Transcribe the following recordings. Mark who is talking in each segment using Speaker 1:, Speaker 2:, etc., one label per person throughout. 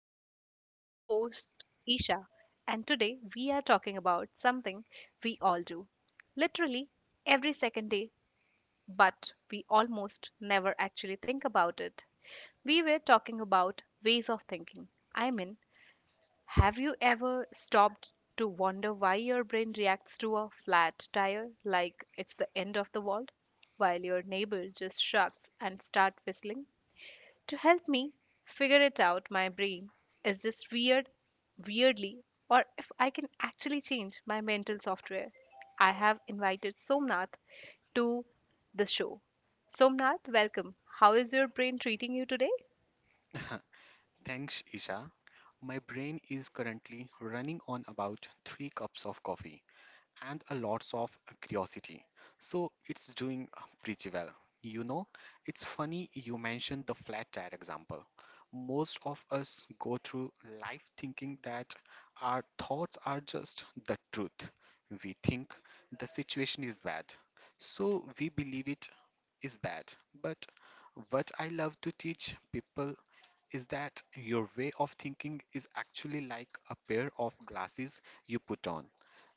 Speaker 1: Gym. I'm your host, Isha, and today we are talking about something we all do, literally, every second day, but we almost never actually think about it. We were talking about ways of thinking. I mean, have you ever stopped to wonder why your brain reacts to a flat tire like it's the end of the world, while your neighbor just shrugs and starts whistling? To help me figure it out, my brain is just weird, weirdly, or if I can actually change my mental software. I have invited Somnath to the show. Somnath, welcome. How is your brain treating you today?
Speaker 2: Thanks, Isha. My brain is currently running on about 3 cups of coffee and a lots of curiosity. So it's doing pretty well. You know, it's funny you mentioned the flat tire example. Most of us go through life thinking that our thoughts are just the truth. We think the situation is bad, so we believe it is bad. But what I love to teach people is that your way of thinking is actually like a pair of glasses you put on.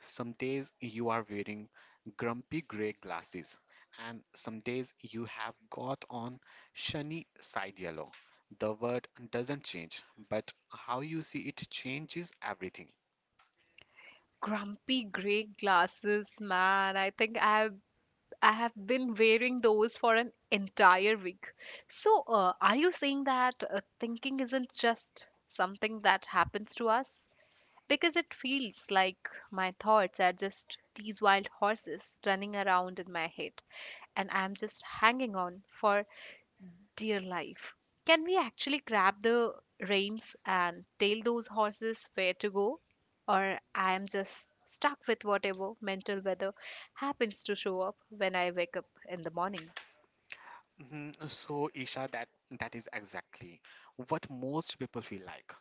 Speaker 2: Some days you are wearing grumpy gray glasses, and some days you have got on shiny side yellow. The word doesn't change, but how you see it changes everything.
Speaker 1: Grumpy gray glasses, man. I think I have been wearing those for an entire week. So, are you saying that thinking isn't just something that happens to us? Because it feels like my thoughts are just these wild horses running around in my head and I'm just hanging on for dear life. Can we actually grab the reins and tell those horses where to go? Or I am just stuck with whatever mental weather happens to show up when I wake up in the morning.
Speaker 2: Mhm. So, Isha, that is exactly what most people feel like.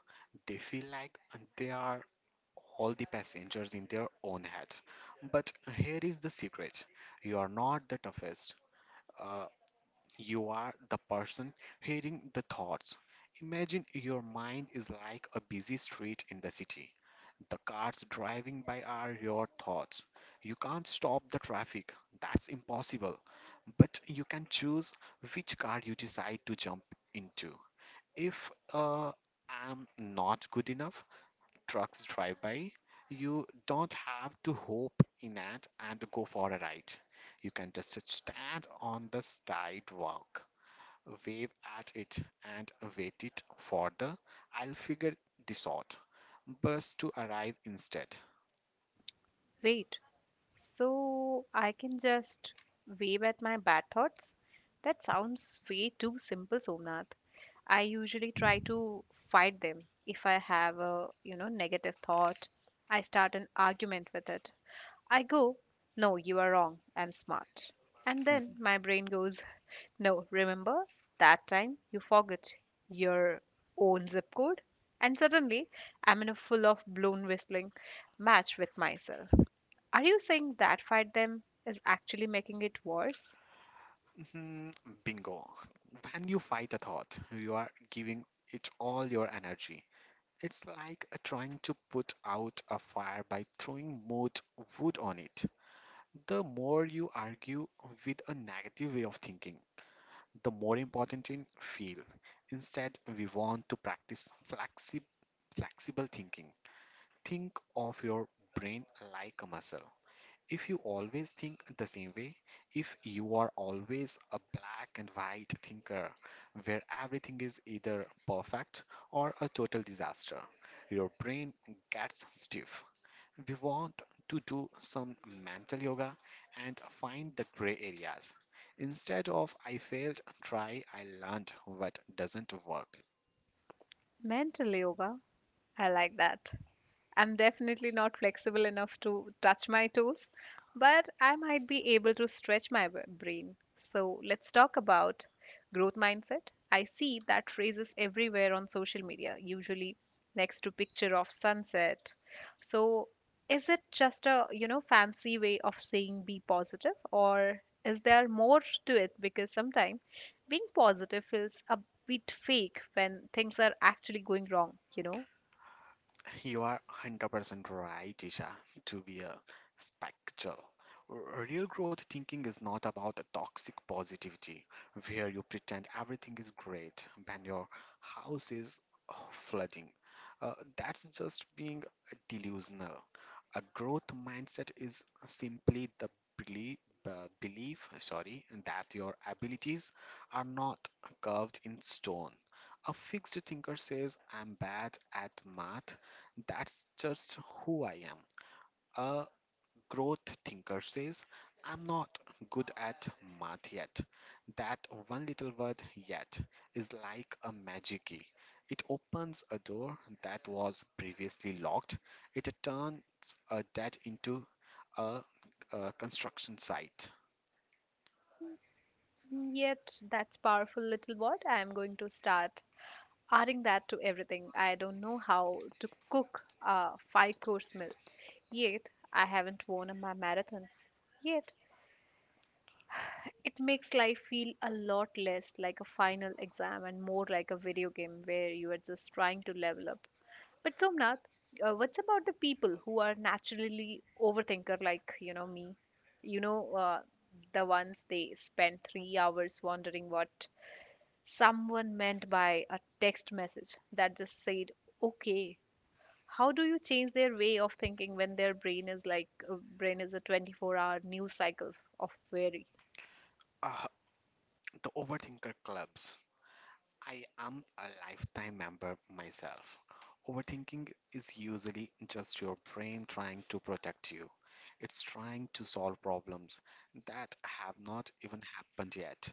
Speaker 2: They feel like they are all the passengers in their own head. But here is the secret you are not the toughest, uh, you are the person hearing the thoughts. Imagine your mind is like a busy street in the city. The cars driving by are your thoughts. You can't stop the traffic, that's impossible. But you can choose which car you decide to jump into. If I'm not good enough, trucks drive by, you don't have to hope in it and go for a ride. You can just stand on the sidewalk, wave at it, and wait it for the I'll figure this out bus to arrive instead.
Speaker 1: Wait, so I can just wave at my bad thoughts? That sounds way too simple, Somnath. I usually try to fight them. If I have a, you know, negative thought, I start an argument with it. I go, "No, you are wrong. I'm smart." And then
Speaker 2: Mhm.
Speaker 1: my brain goes, "No, remember that time you forgot your own zip code?" And suddenly, I'm in a full of blown whistling match with myself. Are you saying that fight them is actually making it worse?
Speaker 2: Mhm, bingo. When you fight a thought, you are giving it all your energy. It's like trying to put out a fire by throwing more wood on it. The more you argue with a negative way of thinking, the more important it feel. Instead, we want to practice flexible thinking. Think of your brain like a muscle. If you always think the same way, if you are always a black and white thinker where everything is either perfect or a total disaster, your brain gets stiff. We want to do some mental yoga and find the gray areas. Instead of I failed, try I learned what doesn't work.
Speaker 1: Mental yoga. I like that. I'm definitely not flexible enough to touch my toes, but I might be able to stretch my brain. So, let's talk about growth mindset. I see that phrases everywhere on social media, usually next to picture of sunset. So, is it just a fancy way of saying be positive, or is there more to it, because sometimes being positive feels a bit fake when things are actually going wrong, you know?
Speaker 2: You are 100% right, Isha, to be a spectral. Real growth thinking is not about a toxic positivity where you pretend everything is great when your house is flooding. That's just being delusional. A growth mindset is simply the belief, belief, that your abilities are not carved in stone. A fixed thinker says, I'm bad at math. That's just who I am. A growth thinker says, I'm not good at math yet. That one little word yet is like a magic key. It opens a door that was previously locked. It turns a dead into a, a construction site.
Speaker 1: Mm, yet, that's powerful, little word. I am going to start adding that to everything. I don't know how to cook a five course meal. Yet, I haven't won my marathon. Yet, it makes life feel a lot less like a final exam and more like a video game where you are just trying to level up. But Somnath, what's about the people who are naturally overthinker like me? You know, uh, the ones they spend 3 hours wondering what someone meant by a text message that just said okay. How do you change their way of thinking when their brain is like, brain is a 24-hour news cycle of worry?
Speaker 2: Ah, the overthinker clubs. I am a lifetime member myself. Overthinking is usually just your brain trying to protect you. It's trying to solve problems that have not even happened yet.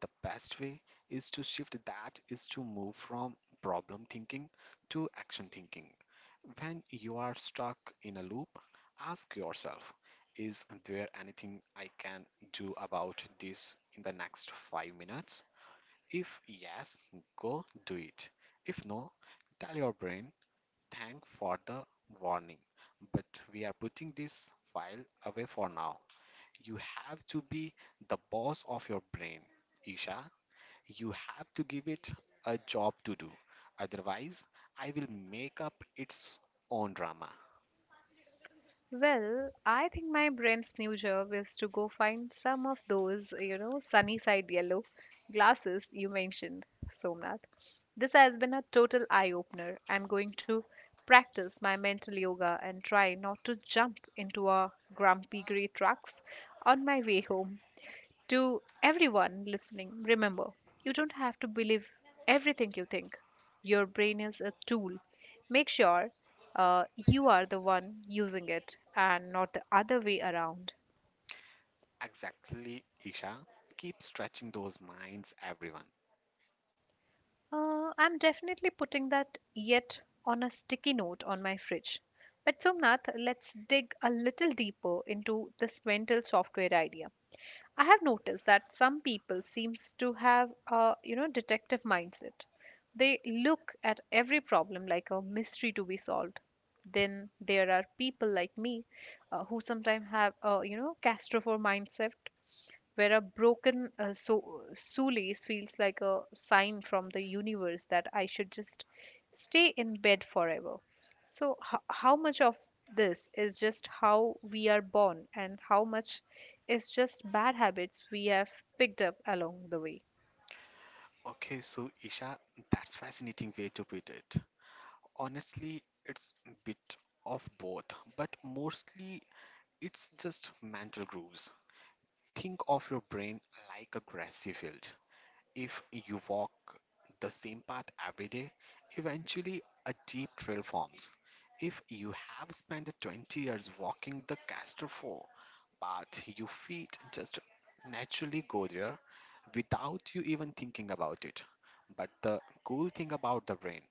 Speaker 2: The best way is to shift that is to move from problem thinking to action thinking. When you are stuck in a loop, ask yourself, is there anything I can do about this in the next 5 minutes? If yes, go do it. If no, tell your brain, thank for the warning, but we are putting this file away for now. You have to be the boss of your brain, Isha. You have to give it a job to do. Otherwise, I will make up its own drama.
Speaker 1: Well, I think my brand's new job is to go find some of those sunny side yellow glasses you mentioned, Somnath. This has been a total eye opener. I'm going to practice my mental yoga and try not to jump into a grumpy gray trucks on my way home. To everyone listening, remember you don't have to believe everything you think. Your brain is a tool. Make sure you are the one using it and not the other way around.
Speaker 2: Exactly, Isha. Keep stretching those minds, everyone.
Speaker 1: I'm definitely putting that yet on a sticky note on my fridge. But Somnath, let's dig a little deeper into this mental software idea. I have noticed that some people seems to have a detective mindset. They look at every problem like a mystery to be solved. Then there are people like me, who sometimes have a claustrophobic mindset where a broken, so shoelace feels like a sign from the universe that I should just stay in bed forever. So, how much of this is just how we are born, and how much is just bad habits we have picked up along the way?
Speaker 2: Okay, so Isha, that's fascinating way to put it. Honestly, it's a bit of both, but mostly it's just mental grooves. Think of your brain like a grassy field. If you walk the same path every day, eventually a deep trail forms. If you have spent 20 years walking the Castor 4 path, your feet just naturally go there without you even thinking about it. But the cool thing about the brain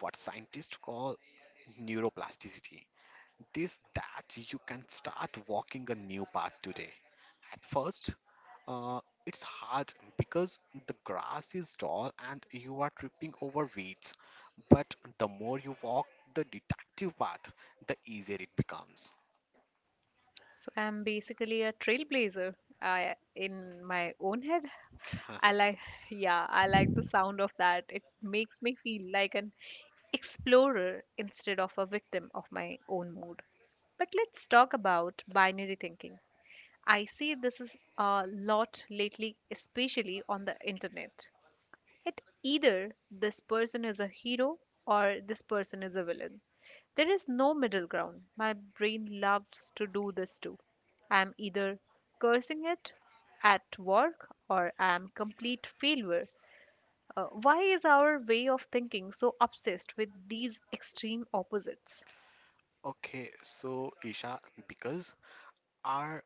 Speaker 2: what scientists call neuroplasticity. This that you can start walking a new path today. At first, uh, it's hard because the grass is tall and you are tripping over weeds. But the more you walk the detective path, the easier it becomes.
Speaker 1: So, I'm basically a trailblazer. I, in my own head, I like, yeah, I like the sound of that. It makes me feel like an explorer instead of a victim of my own mood. But let's talk about binary thinking. I see this is a lot lately, especially on the internet. It either this person is a hero or this person is a villain. There is no middle ground. My brain loves to do this too. I am either cursing it at work or I am complete failure. Why is our way of thinking so obsessed with these extreme opposites?
Speaker 2: Okay, so Isha, because our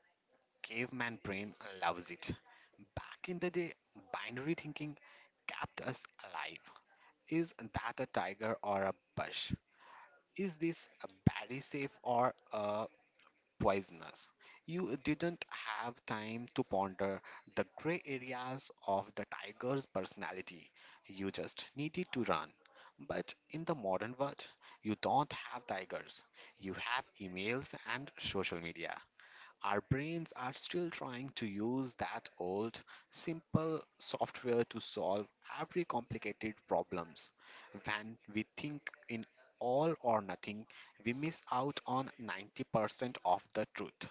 Speaker 2: caveman brain loves it. Back in the day, binary thinking kept us alive. Is that a tiger or a bush? Is this a berry safe or a poisonous? You didn't have time to ponder the gray areas of the tiger's personality. You just needed to run. But in the modern world, you don't have tigers. You have emails and social media. Our brains are still trying to use that old, simple software to solve every complicated problems. When we think in all or nothing, we miss out on 90% of the truth.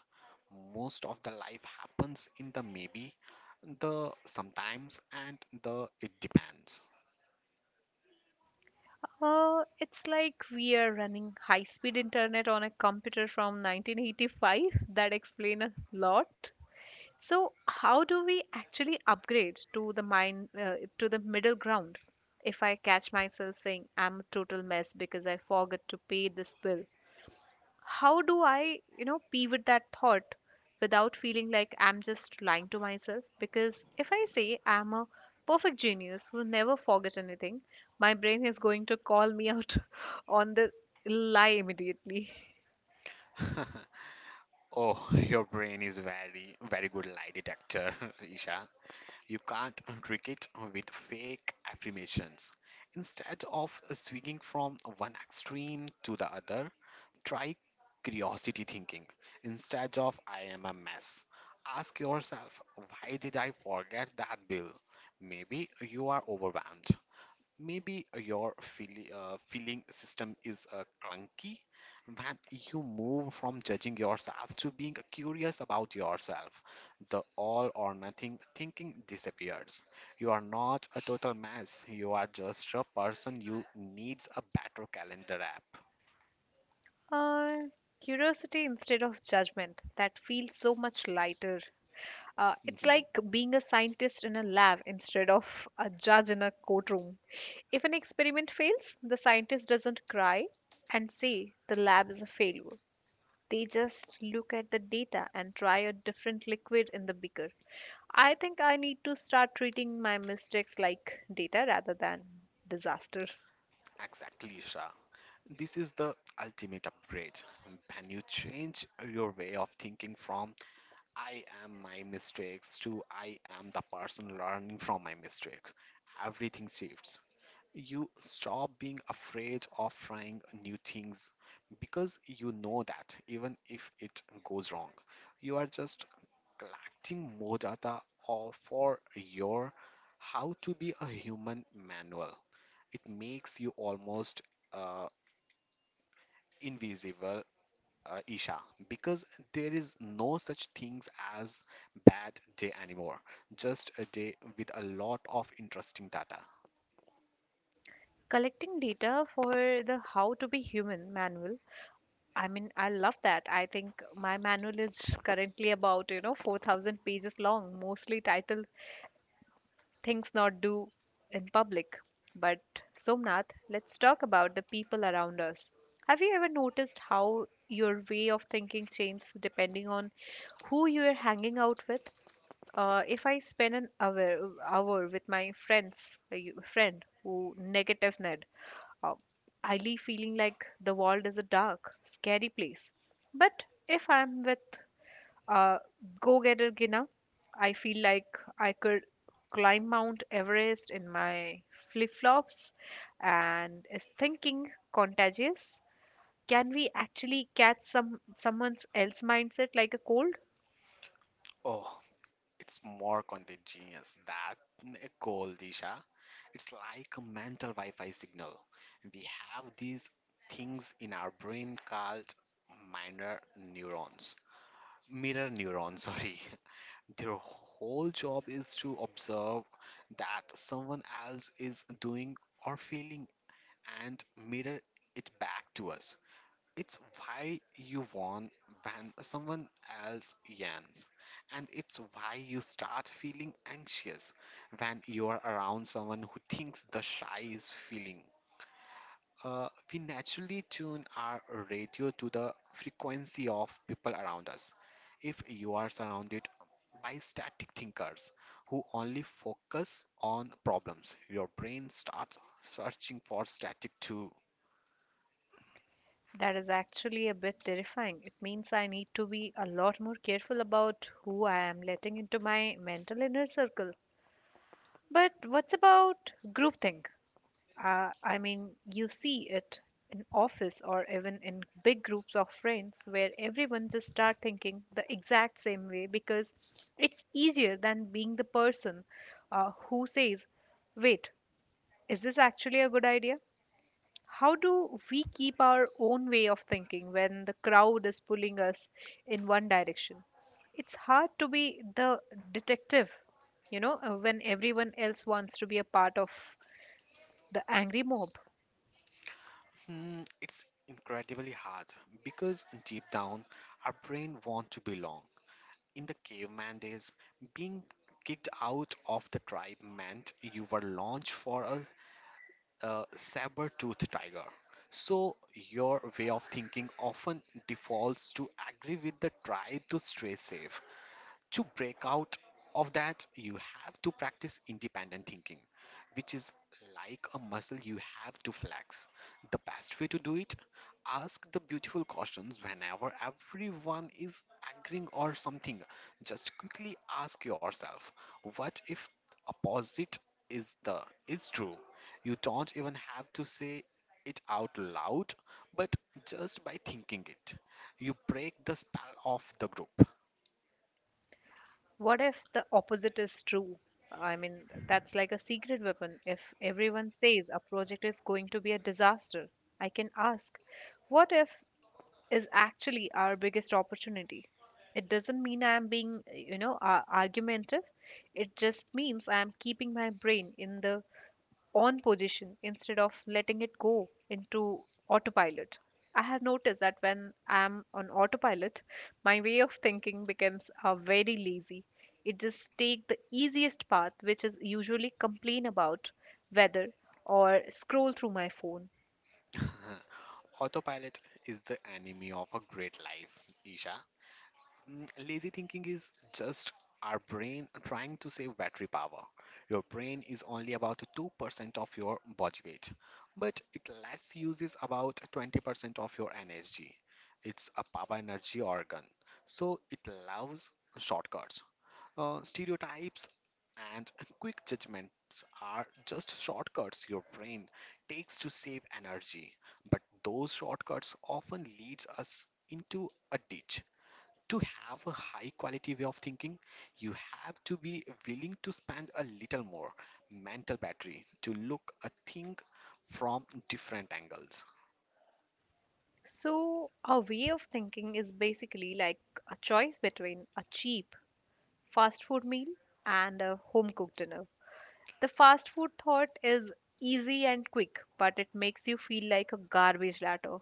Speaker 2: Most of the life happens in the maybe, the sometimes, and the it depends.
Speaker 1: It's like we are running high-speed internet on a computer from 1985. That explains a lot. So, how do we actually upgrade to the mind to the middle ground? If I catch myself saying I'm a total mess because I forgot to pay this bill, how do I pivot that thought without feeling like I'm just lying to myself? Because if I say I'm a perfect genius who never forgets anything, my brain is going to call me out on the lie immediately.
Speaker 2: Oh, your brain is very, very good lie detector, Isha. You can't trick it with fake affirmations. Instead of swinging from one extreme to the other, try curiosity thinking. Instead of I am a mess, ask yourself, why did I forget that bill? Maybe you are overwhelmed. Maybe your feeling system is clunky, that you move from judging yourself to being curious about yourself. The all or nothing thinking disappears. You are not a total mess, you are just a person who needs a better calendar app.
Speaker 1: Uh, Curiosity instead of judgment. That feels so much lighter. It's
Speaker 2: Mhm.
Speaker 1: like being a scientist in a lab instead of a judge in a courtroom. If an experiment fails, the scientist doesn't cry and say the lab is a failure. They just look at the data and try a different liquid in the beaker. I think I need to start treating my mistakes like data rather than disaster.
Speaker 2: Exactly, Isha. This is the ultimate upgrade. When you change your way of thinking from I am my mistakes too. I am the person learning from my mistake. Everything shifts. You stop being afraid of trying new things because you know that even if it goes wrong, you are just collecting more data or for your how to be a human manual. It makes you almost uh, invisible Isha, because there is no such things as bad day anymore. Just a day with a lot of interesting data.
Speaker 1: Collecting data for the How to Be Human manual. I mean, I love that. I think my manual is currently about 4,000 pages long, mostly titled Things Not Do in Public. But Somnath, let's talk about the people around us. Have you ever noticed how your way of thinking changes depending on who you are hanging out with? If I spend an hour with my friends, a friend who negative, uh, highly feeling like the world is a dark, scary place. But if I'm with a go getter Gina, I feel like I could climb Mount Everest in my flip flops. And is thinking contagious? Can we actually catch someone else mindset like a cold?
Speaker 2: Oh, it's more content genius that cold, Isha. It's like a mental Wi-Fi signal. We have these things in our brain called minor neurons. Mirror neurons, sorry. Their whole job is to observe that someone else is doing or feeling and mirror it back to us. It's why you won when someone else yawns, and it's why you start feeling anxious when you are around someone who thinks the shy is feeling. We naturally tune our radio to the frequency of people around us. If you are surrounded by static thinkers who only focus on problems, your brain starts searching for static to
Speaker 1: That is actually a bit terrifying. It means I need to be a lot more careful about who I am letting into my mental inner circle. But what's about groupthink? I mean, you see it in office or even in big groups of friends where everyone just start thinking the exact same way because it's easier than being the person, who says, "Wait, is this actually a good idea?" How do we keep our own way of thinking when the crowd is pulling us in one direction? It's hard to be the detective, when everyone else wants to be a part of the angry mob.
Speaker 2: mm, it's incredibly hard because deep down, our brain wants to belong. In the caveman days, being kicked out of the tribe meant you were launched for a saber-toothed tiger. So your way of thinking often defaults to agree with the tribe to stay safe to break out of that, you have to practice independent thinking, which is like a muscle you have to flex. The best way to do it, ask the beautiful questions whenever everyone is agreeing or something. Just quickly ask yourself, what if opposite is the is true? You don't even have to say it out loud, but just by thinking it, you break the spell of the group.
Speaker 1: What if the opposite is true? I mean, that's like a secret weapon. If everyone says a project is going to be a disaster, I can ask, what if is actually our biggest opportunity. It doesn't mean I'm being argumentative. It just means I'm keeping my brain in the on position instead of letting it go into autopilot. I have noticed that when I'm on autopilot, my way of thinking becomes, very lazy. It just takes the easiest path, which is usually complain about weather or scroll through my phone.
Speaker 2: Autopilot is the enemy of a great life, Isha. Mm, lazy thinking is just our brain trying to save battery power. Your brain is only about 2% of your body weight, but it less uses about 20% of your energy. It's a power energy organ, so it loves shortcuts. Stereotypes and quick judgments are just shortcuts your brain takes to save energy, but those shortcuts often leads us into a ditch. To have a high quality way of thinking, you have to be willing to spend a little more mental battery to look a thing from different angles.
Speaker 1: So, our way of thinking is basically like a choice between a cheap fast food meal and a home cooked dinner. The fast food thought is easy and quick, but it makes you feel like a garbage latter.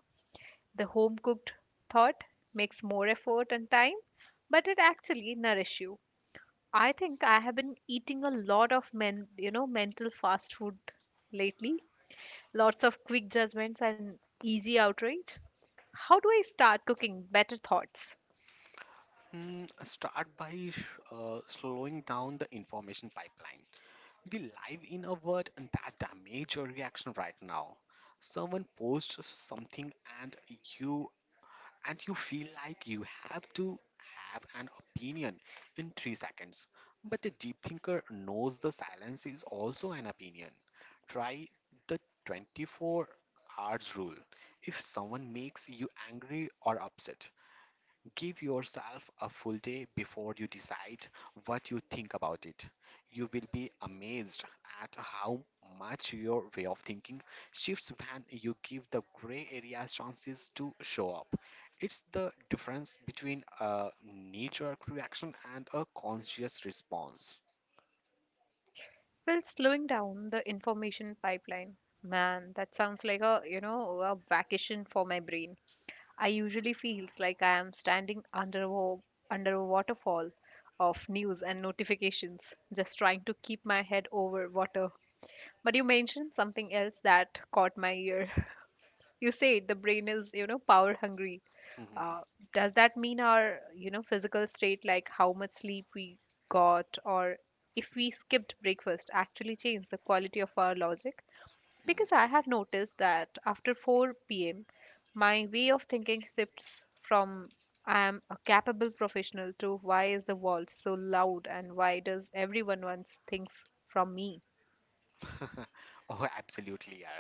Speaker 1: The home cooked thought makes more effort and time, but it actually nourishes you. I think I have been eating a lot of mental fast food lately, lots of quick judgments and easy outrage. How do I start cooking better thoughts?
Speaker 2: Hmm, start by slowing down the information pipeline. We live in a world that the your reaction right now. Someone posts something and you you feel like you have to have an opinion in 3 seconds. But a deep thinker knows the silence is also an opinion. Try the 24 hours rule. If someone makes you angry or upset, give yourself a full day before you decide what you think about it. You will be amazed at how much your way of thinking shifts when you give the gray areas chances to show up. It's the difference between a knee-jerk reaction and a conscious response.
Speaker 1: Well, slowing down the information pipeline. Man, that sounds like a vacation for my brain. I usually feels like I am standing under a waterfall of news and notifications, just trying to keep my head over water. But you mentioned something else that caught my ear. You said the brain is power hungry, uh, does that mean our physical state, like how much sleep we got or if we skipped breakfast, actually change the quality of our logic? Because I have noticed that after 4 p.m. my way of thinking shifts from I am a capable professional to why is the world so loud and why does everyone wants things from me.
Speaker 2: Oh, absolutely, yeah.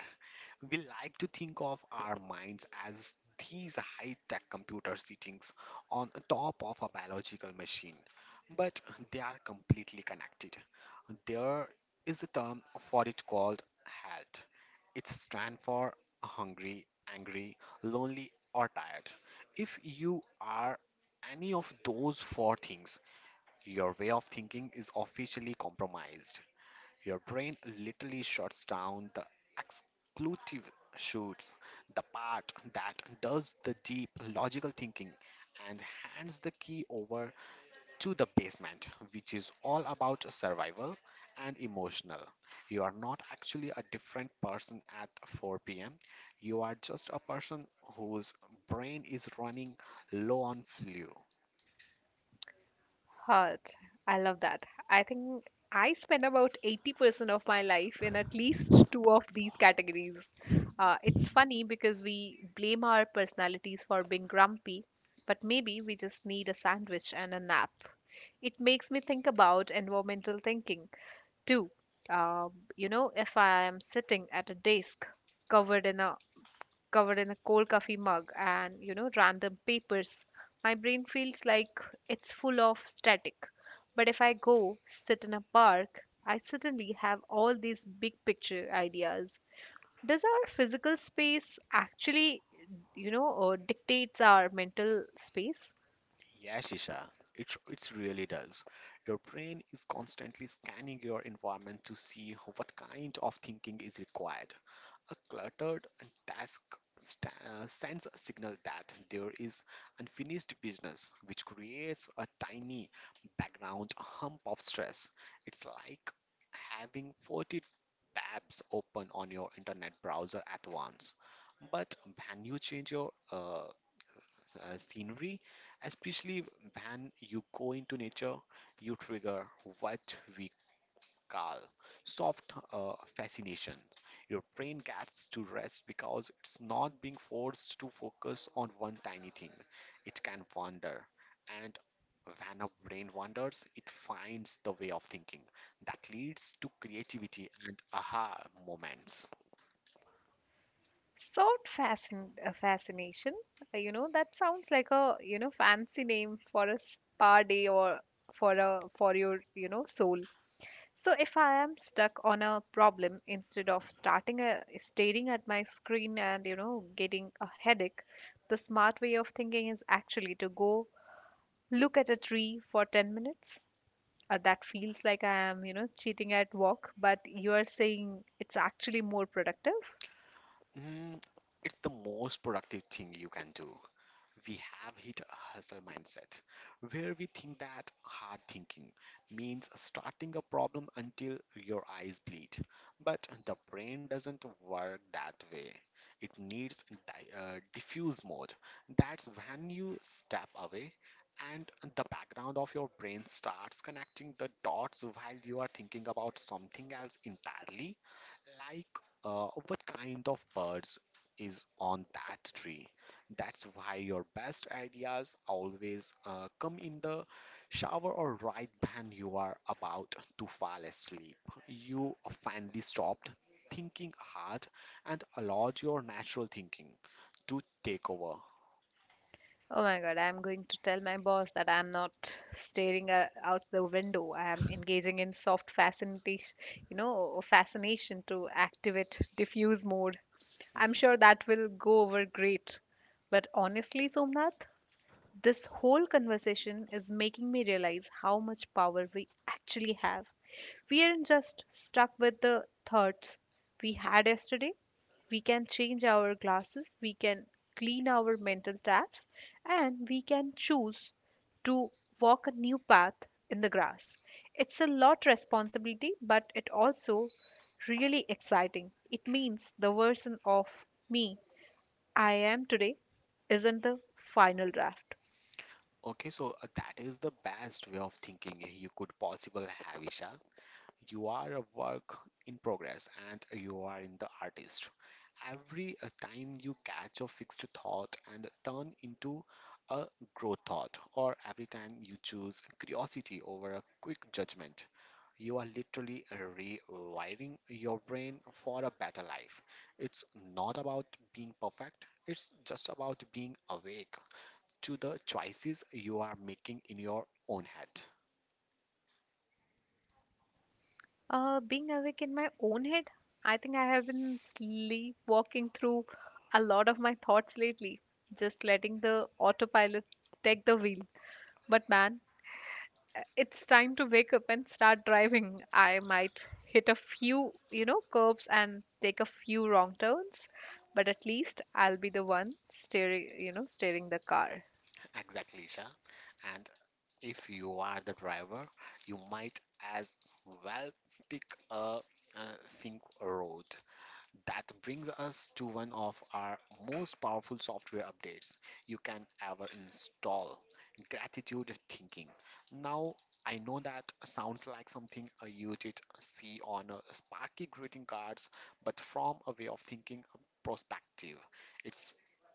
Speaker 2: We like to think of our minds as these high tech computer sittings on top of a biological machine, but they are completely connected. There is a term for it called HALT. It's stand for hungry, angry, lonely, or tired. If you are any of those 4 things, your way of thinking is officially compromised. Your brain literally shuts down the exclusive shoots, the part that does the deep logical thinking, and hands the key over to the basement, which is all about survival and emotional. You are not actually a different person at 4 pm. You are just a person whose brain is running low on fuel.
Speaker 1: Heart. I love that. I think I spend about 80% of my life in at least two of these categories. It's funny because we blame our personalities for being grumpy, but maybe we just need a sandwich and a nap. It makes me think about environmental thinking too. Um, you know, if I am sitting at a desk covered in a covered in a cold coffee mug and you know random papers, my brain feels like it's full of static. But if I go sit in a park, I suddenly have all these big picture ideas. Does our physical space actually, you know, or dictates our mental space?
Speaker 2: Yeah, Shisha, it really does. Your brain is constantly scanning your environment to see what kind of thinking is required. A cluttered task sends a signal that there is unfinished business, which creates a tiny background hump of stress. It's like having 40 tabs open on your internet browser at once. But when you change your scenery, especially when you go into nature, you trigger what we call soft fascination. Your brain gets to rest because it's not being forced to focus on one tiny thing. It can wander, and when a brain wanders, it finds the way of thinking that leads to creativity and aha moments.
Speaker 1: Fascination, you know, that sounds like a you know fancy name for a spa day, or for your you know soul. So if I am stuck on a problem, instead of staring at my screen and you know getting a headache, the smart way of thinking is actually to go look at a tree for 10 minutes. That feels like I am you know cheating at work, but you are saying it's actually more productive.
Speaker 2: Mm, it's the most productive thing you can do. We have hit a hustle mindset, where we think that hard thinking means starting a problem until your eyes bleed. But the brain doesn't work that way. It needs diffuse mode. That's when you step away and the background of your brain starts connecting the dots while you are thinking about something else entirely, like, what kind of birds is on that tree? That's why your best ideas always come in the shower or right when you are about to fall asleep. You finally stopped thinking hard and allowed your natural thinking to take over.
Speaker 1: Oh my God, I'm going to tell my boss that I'm not staring out the window. I am engaging in soft fascination, you know, fascination to activate diffuse mode. I'm sure that will go over great. But honestly, Somnath, this whole conversation is making me realize how much power we actually have. We aren't just stuck with the thoughts we had yesterday. We can change our glasses, we can clean our mental taps, and we can choose to walk a new path in the grass. It's a lot responsibility, but it also really exciting. It means the version of me I am today isn't the final draft.
Speaker 2: Okay, so that is the best way of thinking you could possible have, Isha. You are a work in progress and you are in the artist. Every time you catch a fixed thought and turn into a growth thought, or every time you choose curiosity over a quick judgment, you are literally rewiring your brain for a better life. It's not about being perfect, it's just about being awake to the choices you are making in your own head.
Speaker 1: Being awake in my own head, I think I have been sleepwalking through a lot of my thoughts lately, just letting the autopilot take the wheel. But man, it's time to wake up and start driving. I might hit a few, you know, curves and take a few wrong turns, but at least I'll be the one steering, you know, steering the car.
Speaker 2: Exactly, Isha. And if you are the driver, you might as well pick a, a sink road. That brings us to one of our most powerful software updates you can ever install, gratitude thinking. Now, I know that sounds like something you did see on Sparky greeting cards, but from a way of thinking perspective, it's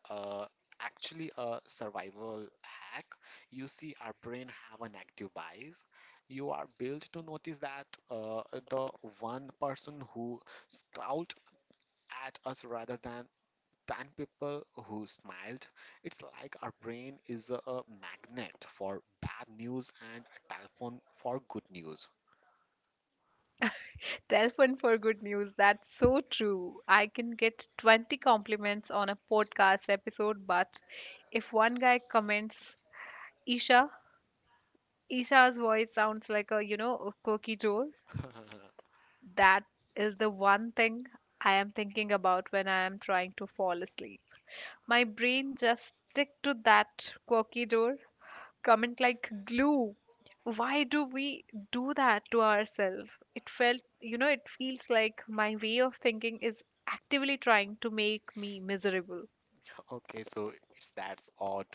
Speaker 2: uh, actually a survival hack. You see, our brain have a negative bias. You are built to notice that the one person who scrawled at us rather than people who smiled. It's like our brain is a magnet for bad news and a telephone for good news.
Speaker 1: Telephone for good news. That's so true. I can get 20 compliments on a podcast episode, but if one guy comments, Isha, Isha's voice sounds like a, you know, a cookie jar. That is the one thing I am thinking about when I am trying to fall asleep. My brain just stick to that cookie jar comment like glue. Why do we do that to ourselves? It felt, you know, it feels like my way of thinking is actively trying to make me miserable.
Speaker 2: Okay, so it's that odd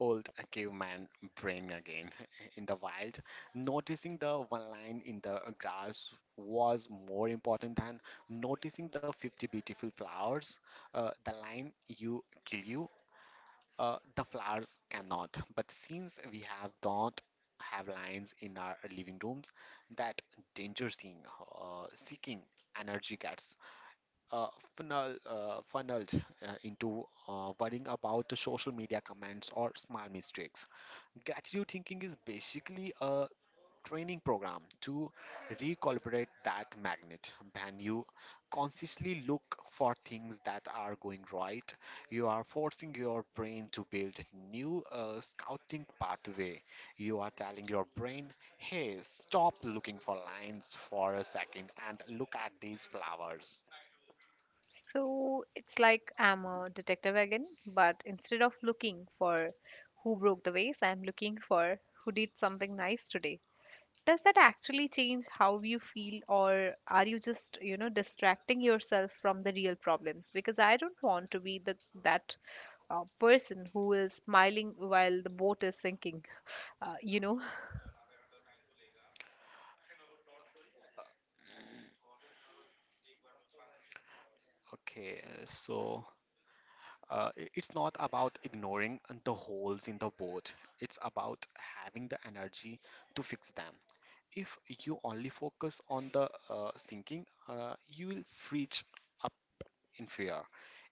Speaker 2: old caveman brain again. In the wild, noticing the one line in the grass was more important than noticing the 50 beautiful flowers. The line you kill you. The flowers cannot, but since we have don't have lions in our living rooms, that danger seeing, seeking energy gets uh, funneled into worrying about the social media comments or small mistakes. Gratitude thinking is basically a training program to recalibrate that magnet. When you consciously look for things that are going right, you are forcing your brain to build new scouting pathway. You are telling your brain, "Hey, stop looking for lines for a second and look at these flowers."
Speaker 1: So it's like I'm a detective again, but instead of looking for who broke the vase, I'm looking for who did something nice today. Does that actually change how you feel, or are you just, you know, distracting yourself from the real problems? Because I don't want to be the that person who is smiling while the boat is sinking. Uh, you know,
Speaker 2: Okay, so it's not about ignoring the holes in the boat. It's about having the energy to fix them. If you only focus on the sinking, you will freeze up in fear.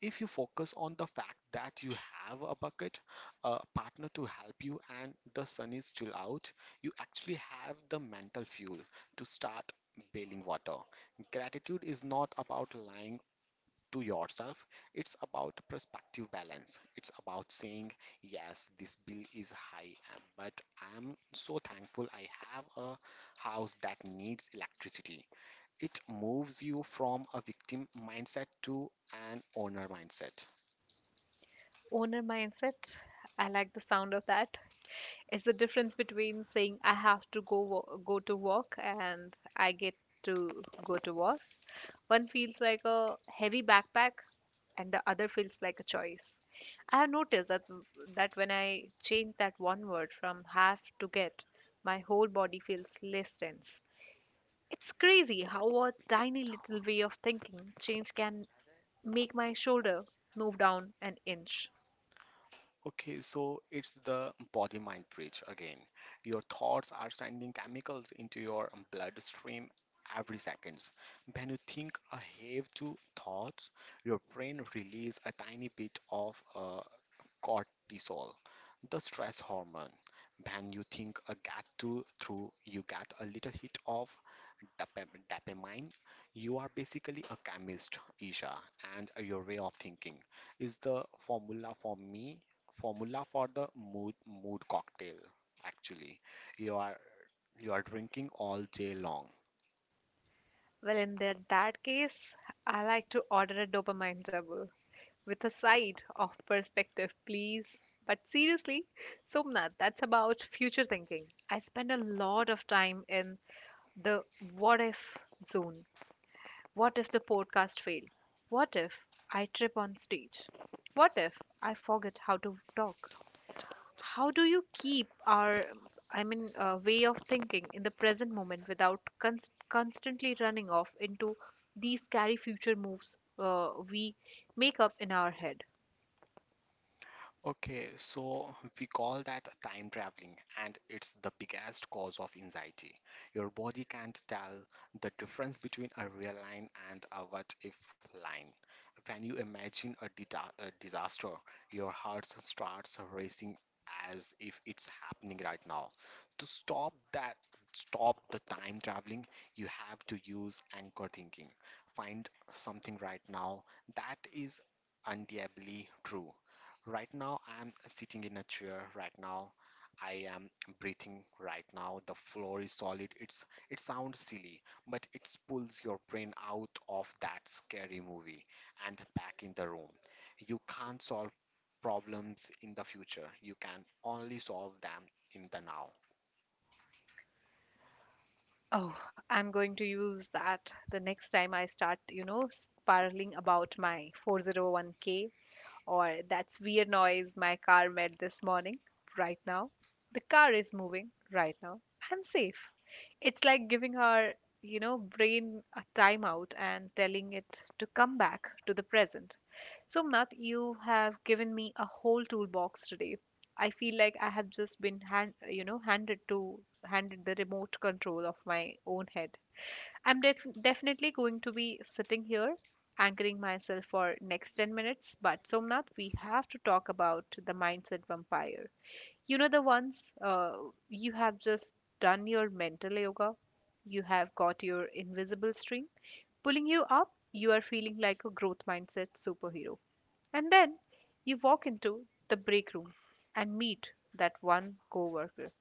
Speaker 2: If you focus on the fact that you have a bucket, a partner to help you, and the sun is still out, you actually have the mental fuel to start bailing water. Gratitude is not about lying to yourself. It's about perspective balance. It's about saying, yes, this bill is high, but I'm so thankful I have a house that needs electricity. It moves you from a victim mindset to an owner mindset.
Speaker 1: Owner mindset. I like the sound of that. It's the difference between saying I have to go to work and I get to go to work. One feels like a heavy backpack, and the other feels like a choice. I have noticed that when I change that one word from have to get, my whole body feels less tense. It's crazy how a tiny little way of thinking change can make my shoulder move down an inch.
Speaker 2: Okay, so it's the body-mind bridge again. Your thoughts are sending chemicals into your bloodstream every seconds. When you think a have to thoughts, your brain release a tiny bit of cortisol, the stress hormone. When you think a get to through, you get a little hit of Dappermine, you are basically a chemist, Isha, and your way of thinking is the formula for me, formula for the mood cocktail. Actually, you are you are drinking all day long.
Speaker 1: Well, in that case, I like to order a dopamine double with a side of perspective, please. But seriously, Somnath, that's about future thinking. I spend a lot of time in the what if zone. What if the podcast fail? What if I trip on stage? What if I forget how to talk? How do you keep our, I mean, way of thinking in the present moment without constantly running off into these scary future moves we make up in our head?
Speaker 2: Okay, so we call that time traveling, and it's the biggest cause of anxiety. Your body can't tell the difference between a real line and a what if line. When you imagine a disaster, your heart starts racing as if it's happening right now. To stop that, stop the time traveling, you have to use anchor thinking. Find something right now that is undeniably true. Right now, I'm sitting in a chair. Right now, I am breathing. Right now, the floor is solid. It's it sounds silly, but it pulls your brain out of that scary movie and back in the room. You can't solve problems in the future. You can only solve them in the now.
Speaker 1: Oh, I'm going to use that the next time I start, you know, spiraling about my 401k or that's weird noise my car made this morning, right now. The car is moving right now. I'm safe. It's like giving our, you know, brain a timeout and telling it to come back to the present. Somnath, you have given me a whole toolbox today. I feel like I have just been handed the remote control of my own head. I'm definitely going to be sitting here anchoring myself for next 10 minutes, but Somnath, we have to talk about the mindset vampire. You know, the ones you have just done your mental yoga, you have got your invisible string pulling you up, you are feeling like a growth mindset superhero. And then you walk into the break room and meet that one coworker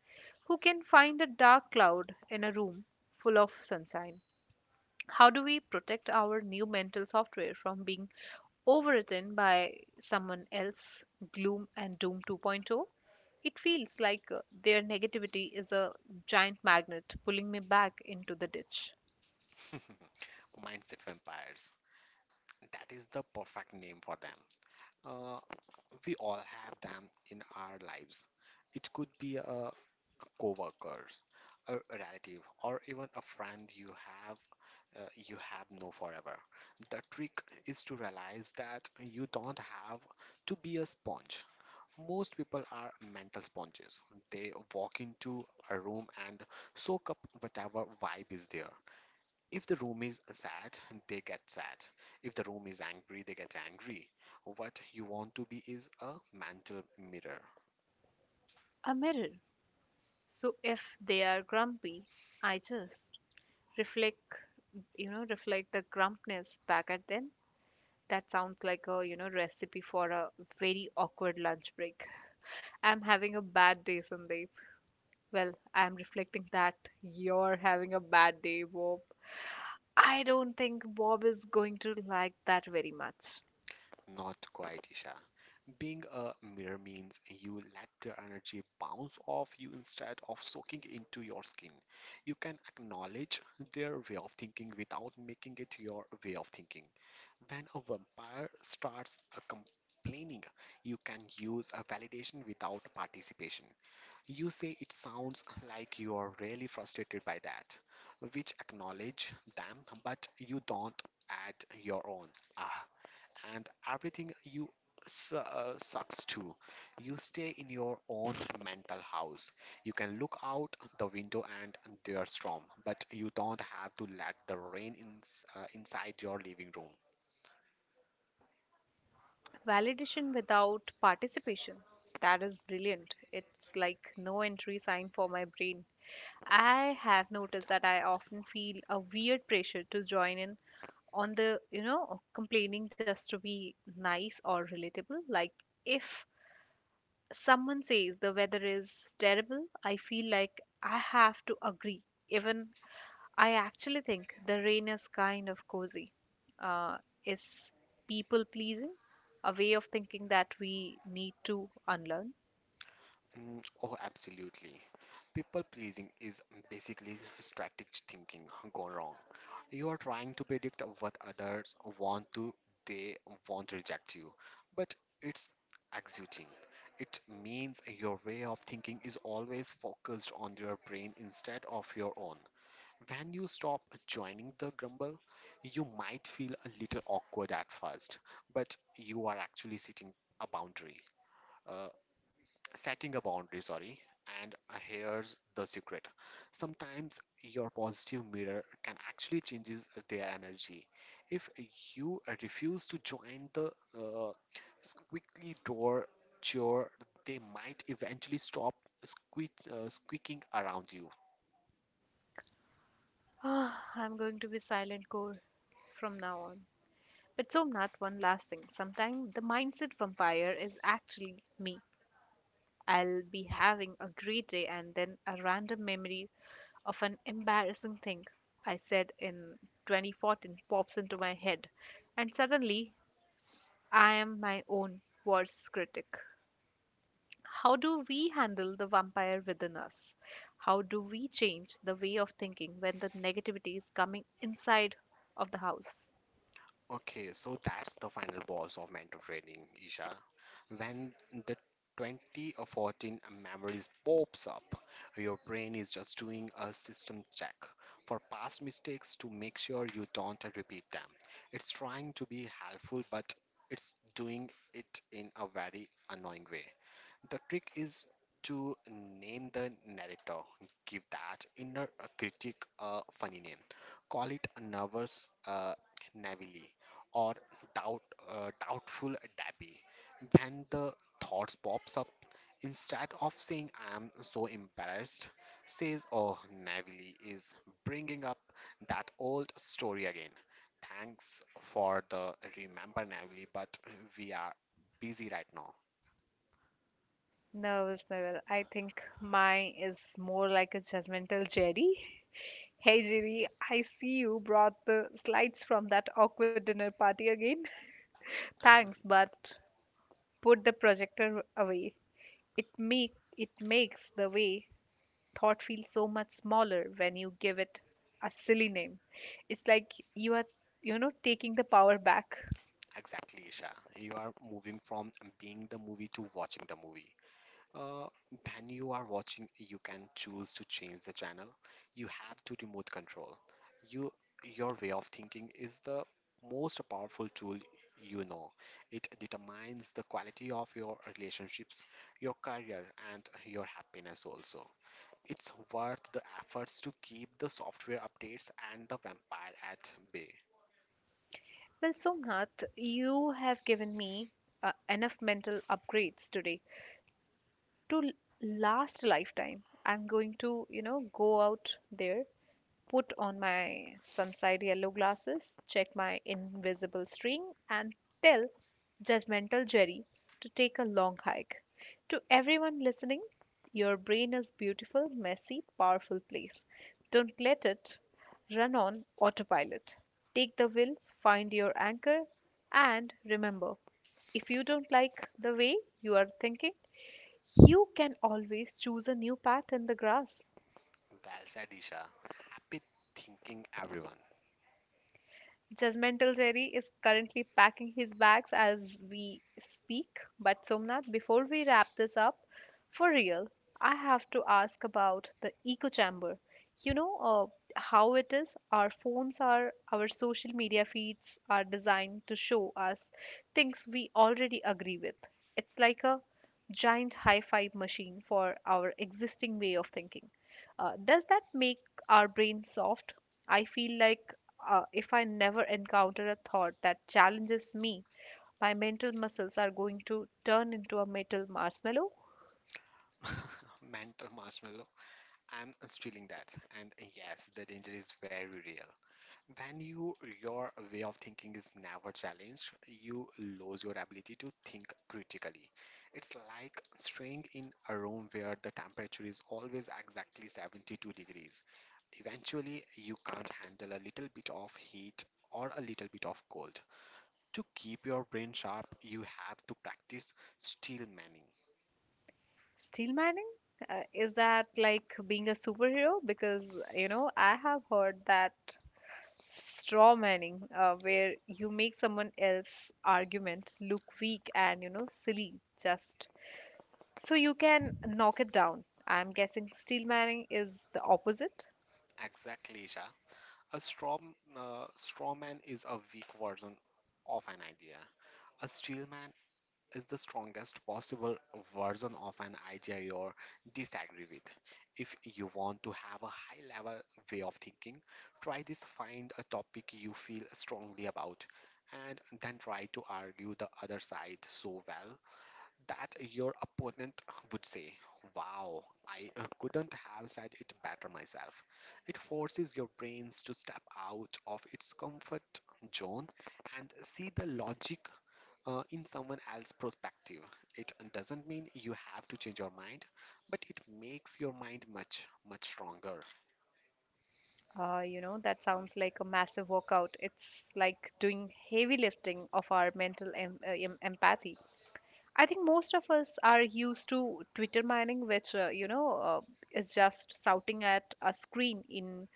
Speaker 1: who can find a dark cloud in a room full of sunshine. How do we protect our new mental software from being overwritten by someone else, Gloom and Doom 2.0. It feels like their negativity is a giant magnet pulling me back into the ditch.
Speaker 2: Mindset vampires. That is the perfect name for them. Uh, we all have them in our lives. It could be a coworkers, a relative, or even a friend you have no forever. The trick is to realize that you don't have to be a sponge. Most people are mental sponges. They walk into a room and soak up whatever vibe is there. If the room is sad, they get sad. If the room is angry, they get angry. What you want to be is a mental mirror,
Speaker 1: A mirror. So if they are grumpy, I just reflect, you know, reflect the grumpness back at them. That sounds like a, you know, recipe for a very awkward lunch break. I'm having a bad day, Sandeep. Well, I'm reflecting that you're having a bad day, Bob. I don't think Bob is going to like that very much.
Speaker 2: not quite Isha. Being a mirror means you let the energy bounce off you instead of soaking into your skin. You can acknowledge their way of thinking without making it your way of thinking. When a vampire starts a complaining, you can use a validation without participation. You say it sounds like you are really frustrated by that, which acknowledge them, but you don't add your own. Ah, and everything you sucks too. You stay in your own mental house. You can look out the window and there's storm, but you don't have to let the rain in, inside your living room.
Speaker 1: Validation without participation. That is brilliant. It's like no entry sign for my brain. I have noticed that I often feel a weird pressure to join in on the, you know, complaining just to be nice or relatable. Like if someone says the weather is terrible, I feel like I have to agree, even I actually think the rain is kind of cozy. Uh, is people pleasing a way of thinking that we need to unlearn?
Speaker 2: Mm, oh, absolutely. People pleasing is basically strategic thinking gone wrong. You are trying to predict what others want to, they won't reject you. But it's exuding. It means your way of thinking is always focused on your brain instead of your own. When you stop joining the grumble, you might feel a little awkward at first, but you are actually setting a boundary. Uh, setting a boundary, sorry, and here's the secret, sometimes your positive mirror can actually changes their energy if you refuse to join the uh, squeaky door chore, they might eventually stop squeaking around you.
Speaker 1: I'm going to be silent core from now on. But Somnath, one last thing. Sometimes the mindset vampire is actually me. I'll be having a great day and then a random memory of an embarrassing thing I said in 2014 pops into my head, and suddenly I am my own worst critic. How do we handle the vampire within us? How do we change the way of thinking when the negativity is coming inside of the house?
Speaker 2: Okay, so that's the final boss of mentor training, Isha. When the 20 or 14 memories pops up, your brain is just doing a system check for past mistakes to make sure you don't repeat them. It's trying to be helpful, but it's doing it in a very annoying way. The trick is to name the narrator. Give that inner critic a funny name. Call it nervous Navili or doubt, doubtful Dabby. When the thoughts pops up, instead of saying I am so embarrassed, says oh Navili is bringing up that old story again. Thanks for the remember Navili, but we are busy right now.
Speaker 1: Nervous Neville. I think mine is more like a judgmental Jerry. Hey Jerry, I see you brought the slides from that awkward dinner party again. Thanks, but put the projector away. It makes the way thought feels so much smaller when you give it a silly name. It's like you are, you know, taking the power back.
Speaker 2: Exactly, Isha. You are moving from being the movie to watching the movie. When you are watching, you can choose to change the channel. You have to remote control. You, your way of thinking is the most powerful tool you know. It determines the quality of your relationships, your career, and your happiness also. It's worth the efforts to keep the software updates and the vampire at bay.
Speaker 1: Well, Somnath, you have given me enough mental upgrades today to last a lifetime. I'm going to, you know, go out there, put on my sunlight yellow glasses, check my invisible string, and tell judgmental Jerry to take a long hike. To everyone listening, your brain is beautiful, messy, powerful place. Don't let it run on autopilot. Take the wheel, find your anchor, and remember, if you don't like the way you are thinking, you can always choose a new path in the grass.
Speaker 2: Valsadisha. Happy thinking, everyone.
Speaker 1: Judgmental Jerry is currently packing his bags as we speak. But Somnath, before we wrap this up, for real, I have to ask about the echo chamber. You know, how it is? Our phones are, our social media feeds are designed to show us things we already agree with. It's like a giant high-five machine for our existing way of thinking. Does that make our brain soft? I feel like if I never encounter a thought that challenges me, my mental muscles are going to turn into a metal marshmallow.
Speaker 2: Mental marshmallow. I'm stealing that. And yes, the danger is very real. When you your way of thinking is never challenged, you lose your ability to think critically. It's like staying in a room where the temperature is always exactly 72 degrees. Eventually, you can't handle a little bit of heat or a little bit of cold. To keep your brain sharp, you have to practice steel manning.
Speaker 1: Steel mining? Is that like being a superhero? Because, you know, I have heard that straw manning, where you make someone else's argument look weak and, you know, silly just so you can knock it down. I'm guessing steel mining is the opposite.
Speaker 2: Exactly, Isha. A straw man is a weak version of an idea. A steel man is the strongest possible version of an idea you disagree with. If you want to have a high level way of thinking, try this, find a topic you feel strongly about and then try to argue the other side so well that your opponent would say, "Wow, I couldn't have said it better myself." It forces your brains to step out of its comfort zone and see the logic in someone else's perspective. It doesn't mean you have to change your mind, but it makes your mind much, much stronger.
Speaker 1: You know, that sounds like a massive workout. It's like doing heavy lifting of our mental em empathy. I think most of us are used to Twitter mining, which, you know, is just shouting at a screen in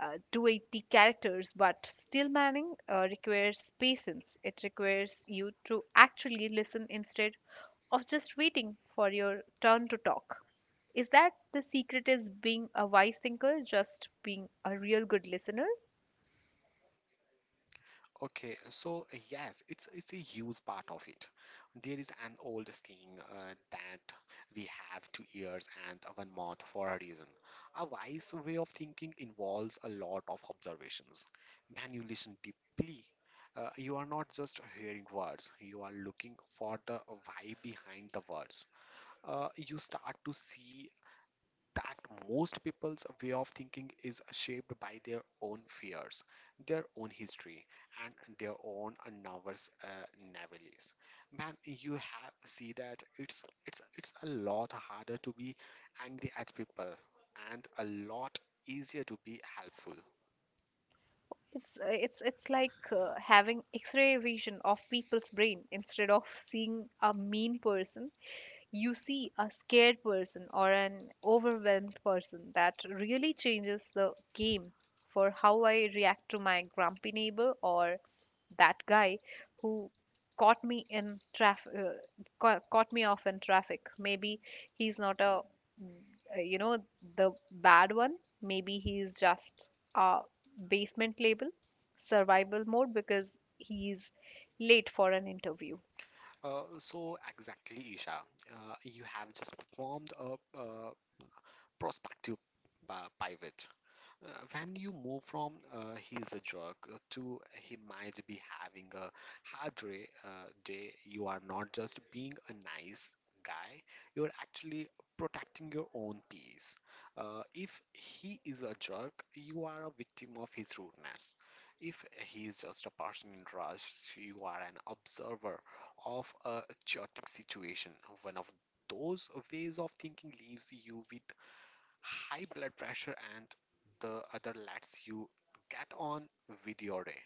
Speaker 1: 280 characters. But still mining requires patience. It requires you to actually listen instead of just waiting for your turn to talk. Is that the secret is being a wise thinker, just being a real good listener?
Speaker 2: Okay, so yes, it's a huge part of it. There is an old saying that we have two ears and one mouth for a reason. A wise way of thinking involves a lot of observations. When you listen deeply, you are not just hearing words; you are looking for the why behind the words. You start to see that most people's way of thinking is shaped by their own fears, their own history, and their own nervous navilies. Man, you have see that it's a lot harder to be angry at people, and a lot easier to be helpful.
Speaker 1: It's like having X-ray vision of people's brain instead of seeing a mean person, you see a scared person or an overwhelmed person. That really changes the game for how I react to my grumpy neighbor or that guy who caught me in traffic. Caught me off in traffic. Maybe he's not a mm, uh, you know the bad one. Maybe he's just a basement label survival mode because he's late for an interview.
Speaker 2: So exactly, Isha, you have just performed a, prospective pivot. When you move from he's a jerk to he might be having a hard day, you are not just being a nice guy, you are actually protecting your own peace. If he is a jerk, you are a victim of his rudeness. If he is just a person in rush, you are an observer of a chaotic situation. One of those ways of thinking leaves you with high blood pressure and the other lets you get on with your day.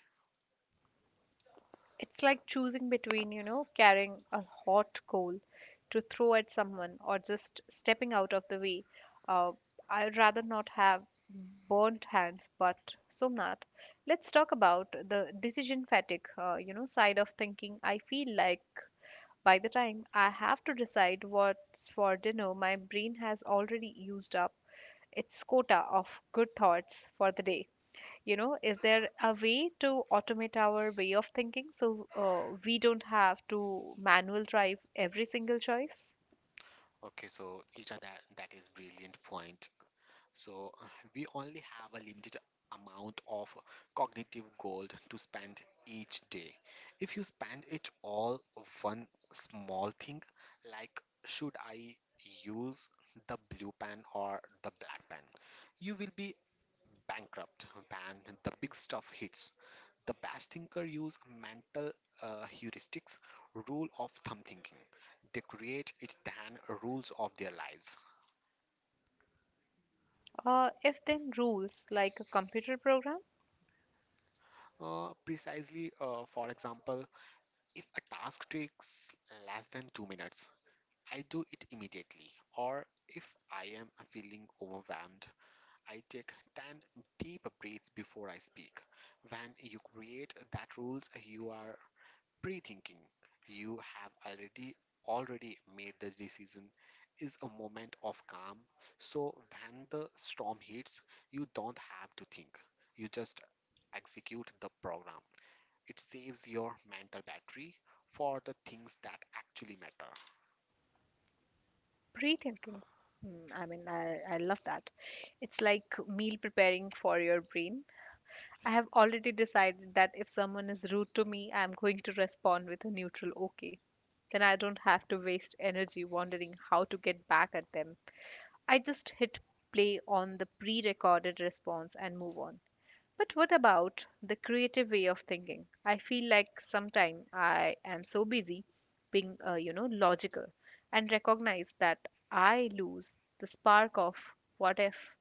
Speaker 1: It's like choosing between, you know, carrying a hot coal to throw at someone or just stepping out of the way. Uh, I'd rather not have burnt hands, but Somnath, let's talk about the decision fatigue, you know, side of thinking. I feel like by the time I have to decide what's for dinner, my brain has already used up its quota of good thoughts for the day. You know, is there a way to automate our way of thinking so we don't have to manual drive every single choice?
Speaker 2: Okay, so each other that is brilliant point. So we only have a limited amount of cognitive gold to spend each day. If you spend it all one small thing like should I use the blue pen or the black pen, you will be bankrupt when the big stuff hits. The best thinker use mental heuristics, rule of thumb thinking. They create it than rules of their lives.
Speaker 1: If then rules, like a computer program.
Speaker 2: Precisely, for example, if a task takes less than 2 minutes, I do it immediately. Or if I am feeling overwhelmed, I take 10 deep breaths before I speak. When you create that rules, you are pre-thinking. You have already made the decision is a moment of calm, so when the storm hits you don't have to think, you just execute the program. It saves your mental battery for the things that actually matter.
Speaker 1: Pre-thinking. Hmm, I mean, I love that. It's like meal preparing for your brain. I have already decided that if someone is rude to me, I'm going to respond with a neutral okay. Then I don't have to waste energy wondering how to get back at them. I just hit play on the pre recorded response and move on. But what about the creative way of thinking? I feel like sometimes I am so busy being, logical and recognize that I lose the spark of what if.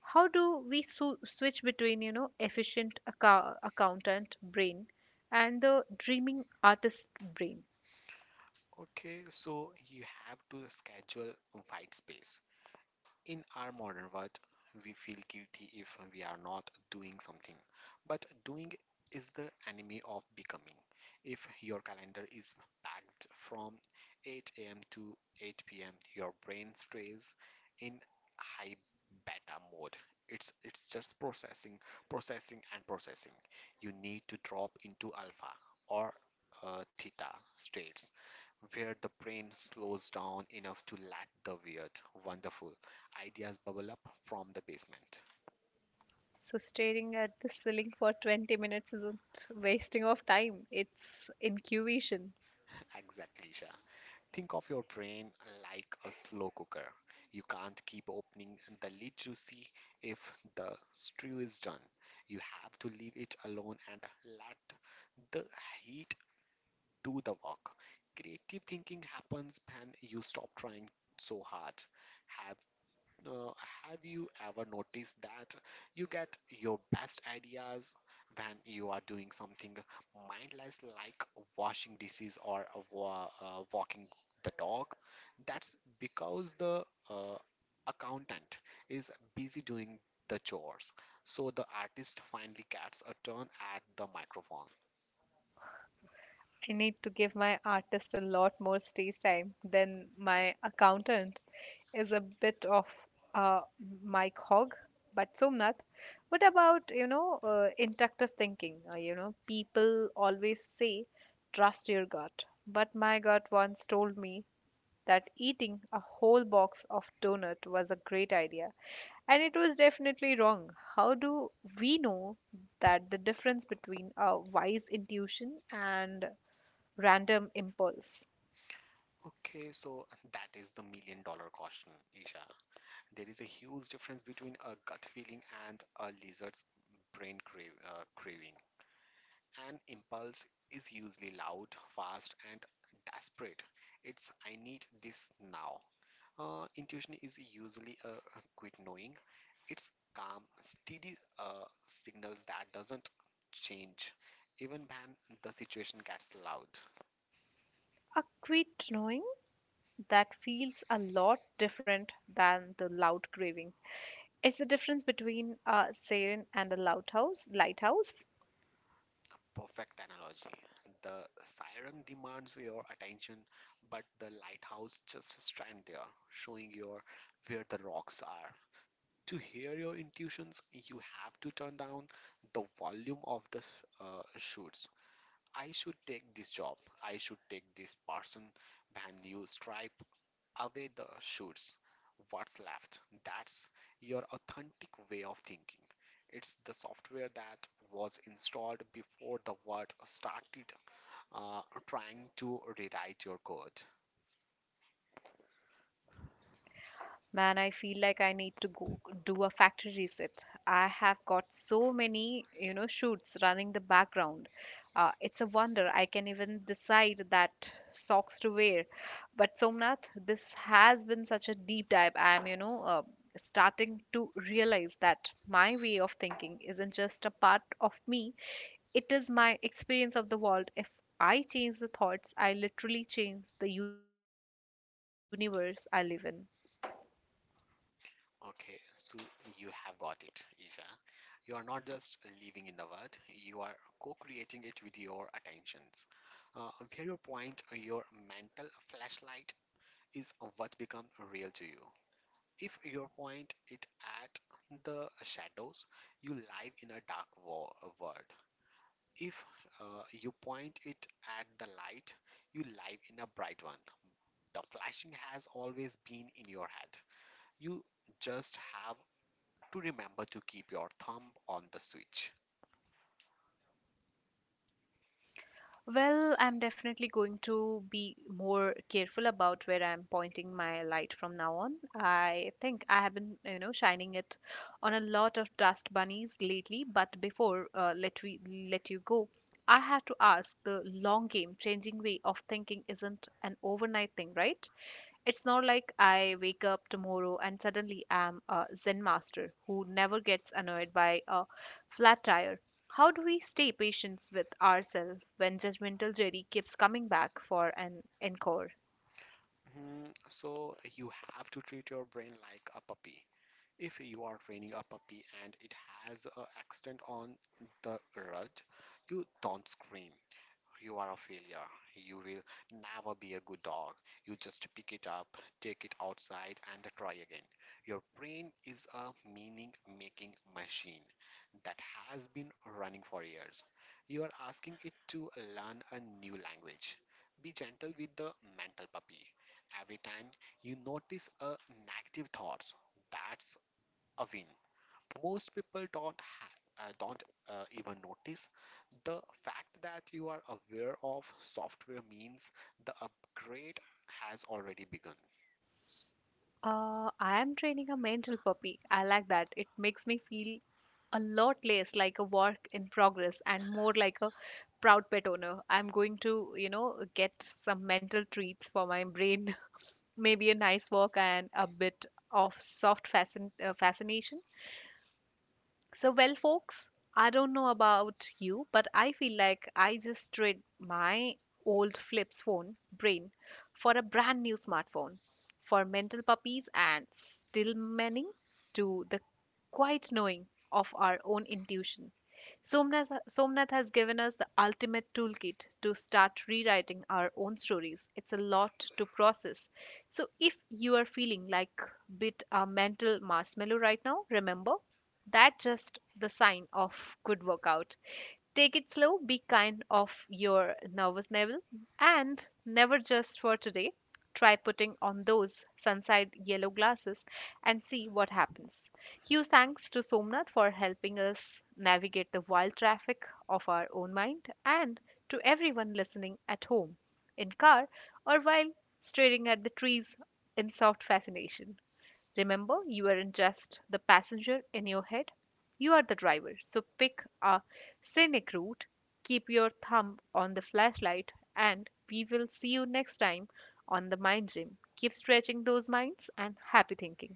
Speaker 1: How do we switch between, you know, efficient accountant brain and the dreaming artist brain?
Speaker 2: Okay, so you have to schedule a white space. In our modern world, we feel guilty if we are not doing something, but doing is the enemy of becoming. If your calendar is packed from 8 a.m. to 8 p.m., your brain stays in high beta mode. It's just processing, processing, and processing. You need to drop into alpha or theta states where the brain slows down enough to let the weird, wonderful, ideas bubble up from the basement.
Speaker 1: So staring at the ceiling for 20 minutes isn't wasting of time, it's incubation.
Speaker 2: Exactly, Isha. Think of your brain like a slow cooker. You can't keep opening the lid to see if the stew is done. You have to leave it alone and let the heat do the work. Creative thinking happens when you stop trying so hard. Have Uh, have you ever noticed that you get your best ideas when you are doing something mindless like washing dishes or walking the dog? That's because the uh, accountant is busy doing the chores. So the artist finally gets a turn at the microphone.
Speaker 1: I need to give my artist a lot more stage time than my accountant is a bit of a Mike Hogg. But Somnath, what about, you know, inductive thinking? You know, people always say, trust your gut. But my gut once told me that eating a whole box of donut was a great idea, and it was definitely wrong. How do we know that the difference between a wise intuition and random impulse?
Speaker 2: Okay, so that is the million-dollar question, Isha. There is a huge difference between a gut feeling and a lizard's brain craving. An impulse is usually loud, fast, and desperate. It's I need this now. Intuition is usually a quick knowing. It's calm, steady signals that doesn't change even when the situation gets loud.
Speaker 1: A quiet knowing that feels a lot different than the loud craving. It's the difference between a siren and a loud house, lighthouse.
Speaker 2: Perfect analogy. The siren demands your attention, but the lighthouse just stands there, showing you where the rocks are. To hear your intuitions, you have to turn down the volume of the shoots. I should take this job. I should take this person. When you strive away the shoes. What's left? That's your authentic way of thinking. It's the software that was installed before the world started uh, trying to rewrite your code.
Speaker 1: Man, I feel like I need to go do a factory reset. I have got so many, you know, shoots running the background. It's a wonder I can even decide that socks to wear. But Somnath, this has been such a deep dive. I am, you know, starting to realize that my way of thinking isn't just a part of me, it is my experience of the world. If I change the thoughts, I literally change the universe I live in.
Speaker 2: Okay, so you have got it, Isha. You are not just living in the world, you are co creating it with your attentions. Uh, where you point your mental flashlight is what becomes real to you. If you point it at the shadows, you live in a dark world. If you point it at the light, you live in a bright one. The flashing has always been in your head. You just have to remember to keep your thumb on the switch.
Speaker 1: Well, I'm definitely going to be more careful about where I'm pointing my light from now on. I think I have been, you know, shining it on a lot of dust bunnies lately, but before let we let you go, I had to ask, the long game changing way of thinking isn't an overnight thing, right? It's not like I wake up tomorrow and suddenly am a Zen master who never gets annoyed by a flat tire. How do we stay patient with ourselves when judgmental Jerry keeps coming back for an encore?
Speaker 2: Hmm, so you have to treat your brain like a puppy. If you are training a puppy and it has an accident on the road, you don't scream. You are a failure. You will never be a good dog. You just pick it up, take it outside, and try again. Your brain is a meaning making machine that has been running for years. You are asking it to learn a new language. Be gentle with the mental puppy. Every time you notice a negative thought, that's a win. Most people don't even notice the fact that you are aware of software means the upgrade has already begun.
Speaker 1: I am training a mental puppy. I like that. It makes me feel a lot less like a work in progress and more like a proud pet owner. I'm going to, you know, get some mental treats for my brain, maybe a nice walk and a bit of soft fascination. So, well, folks, I don't know about you, but I feel like I just traded my old flips phone brain for a brand new smartphone for mental puppies and still manning to the quiet knowing of our own intuition. Somnath has given us the ultimate toolkit to start rewriting our own stories. It's a lot to process. So, if you are feeling like a bit a mental marshmallow right now, remember that's just the sign of good workout. Take it slow, be kind of your nervous level, and never just for today. Try putting on those sunside yellow glasses and see what happens. Huge thanks to Somnath for helping us navigate the wild traffic of our own mind, and to everyone listening at home, in car, or while staring at the trees in soft fascination. Remember, you aren't just the passenger in your head, you are the driver. So pick a scenic route, keep your thumb on the flashlight, and we will see you next time on the mind gym. Keep stretching those minds and happy thinking.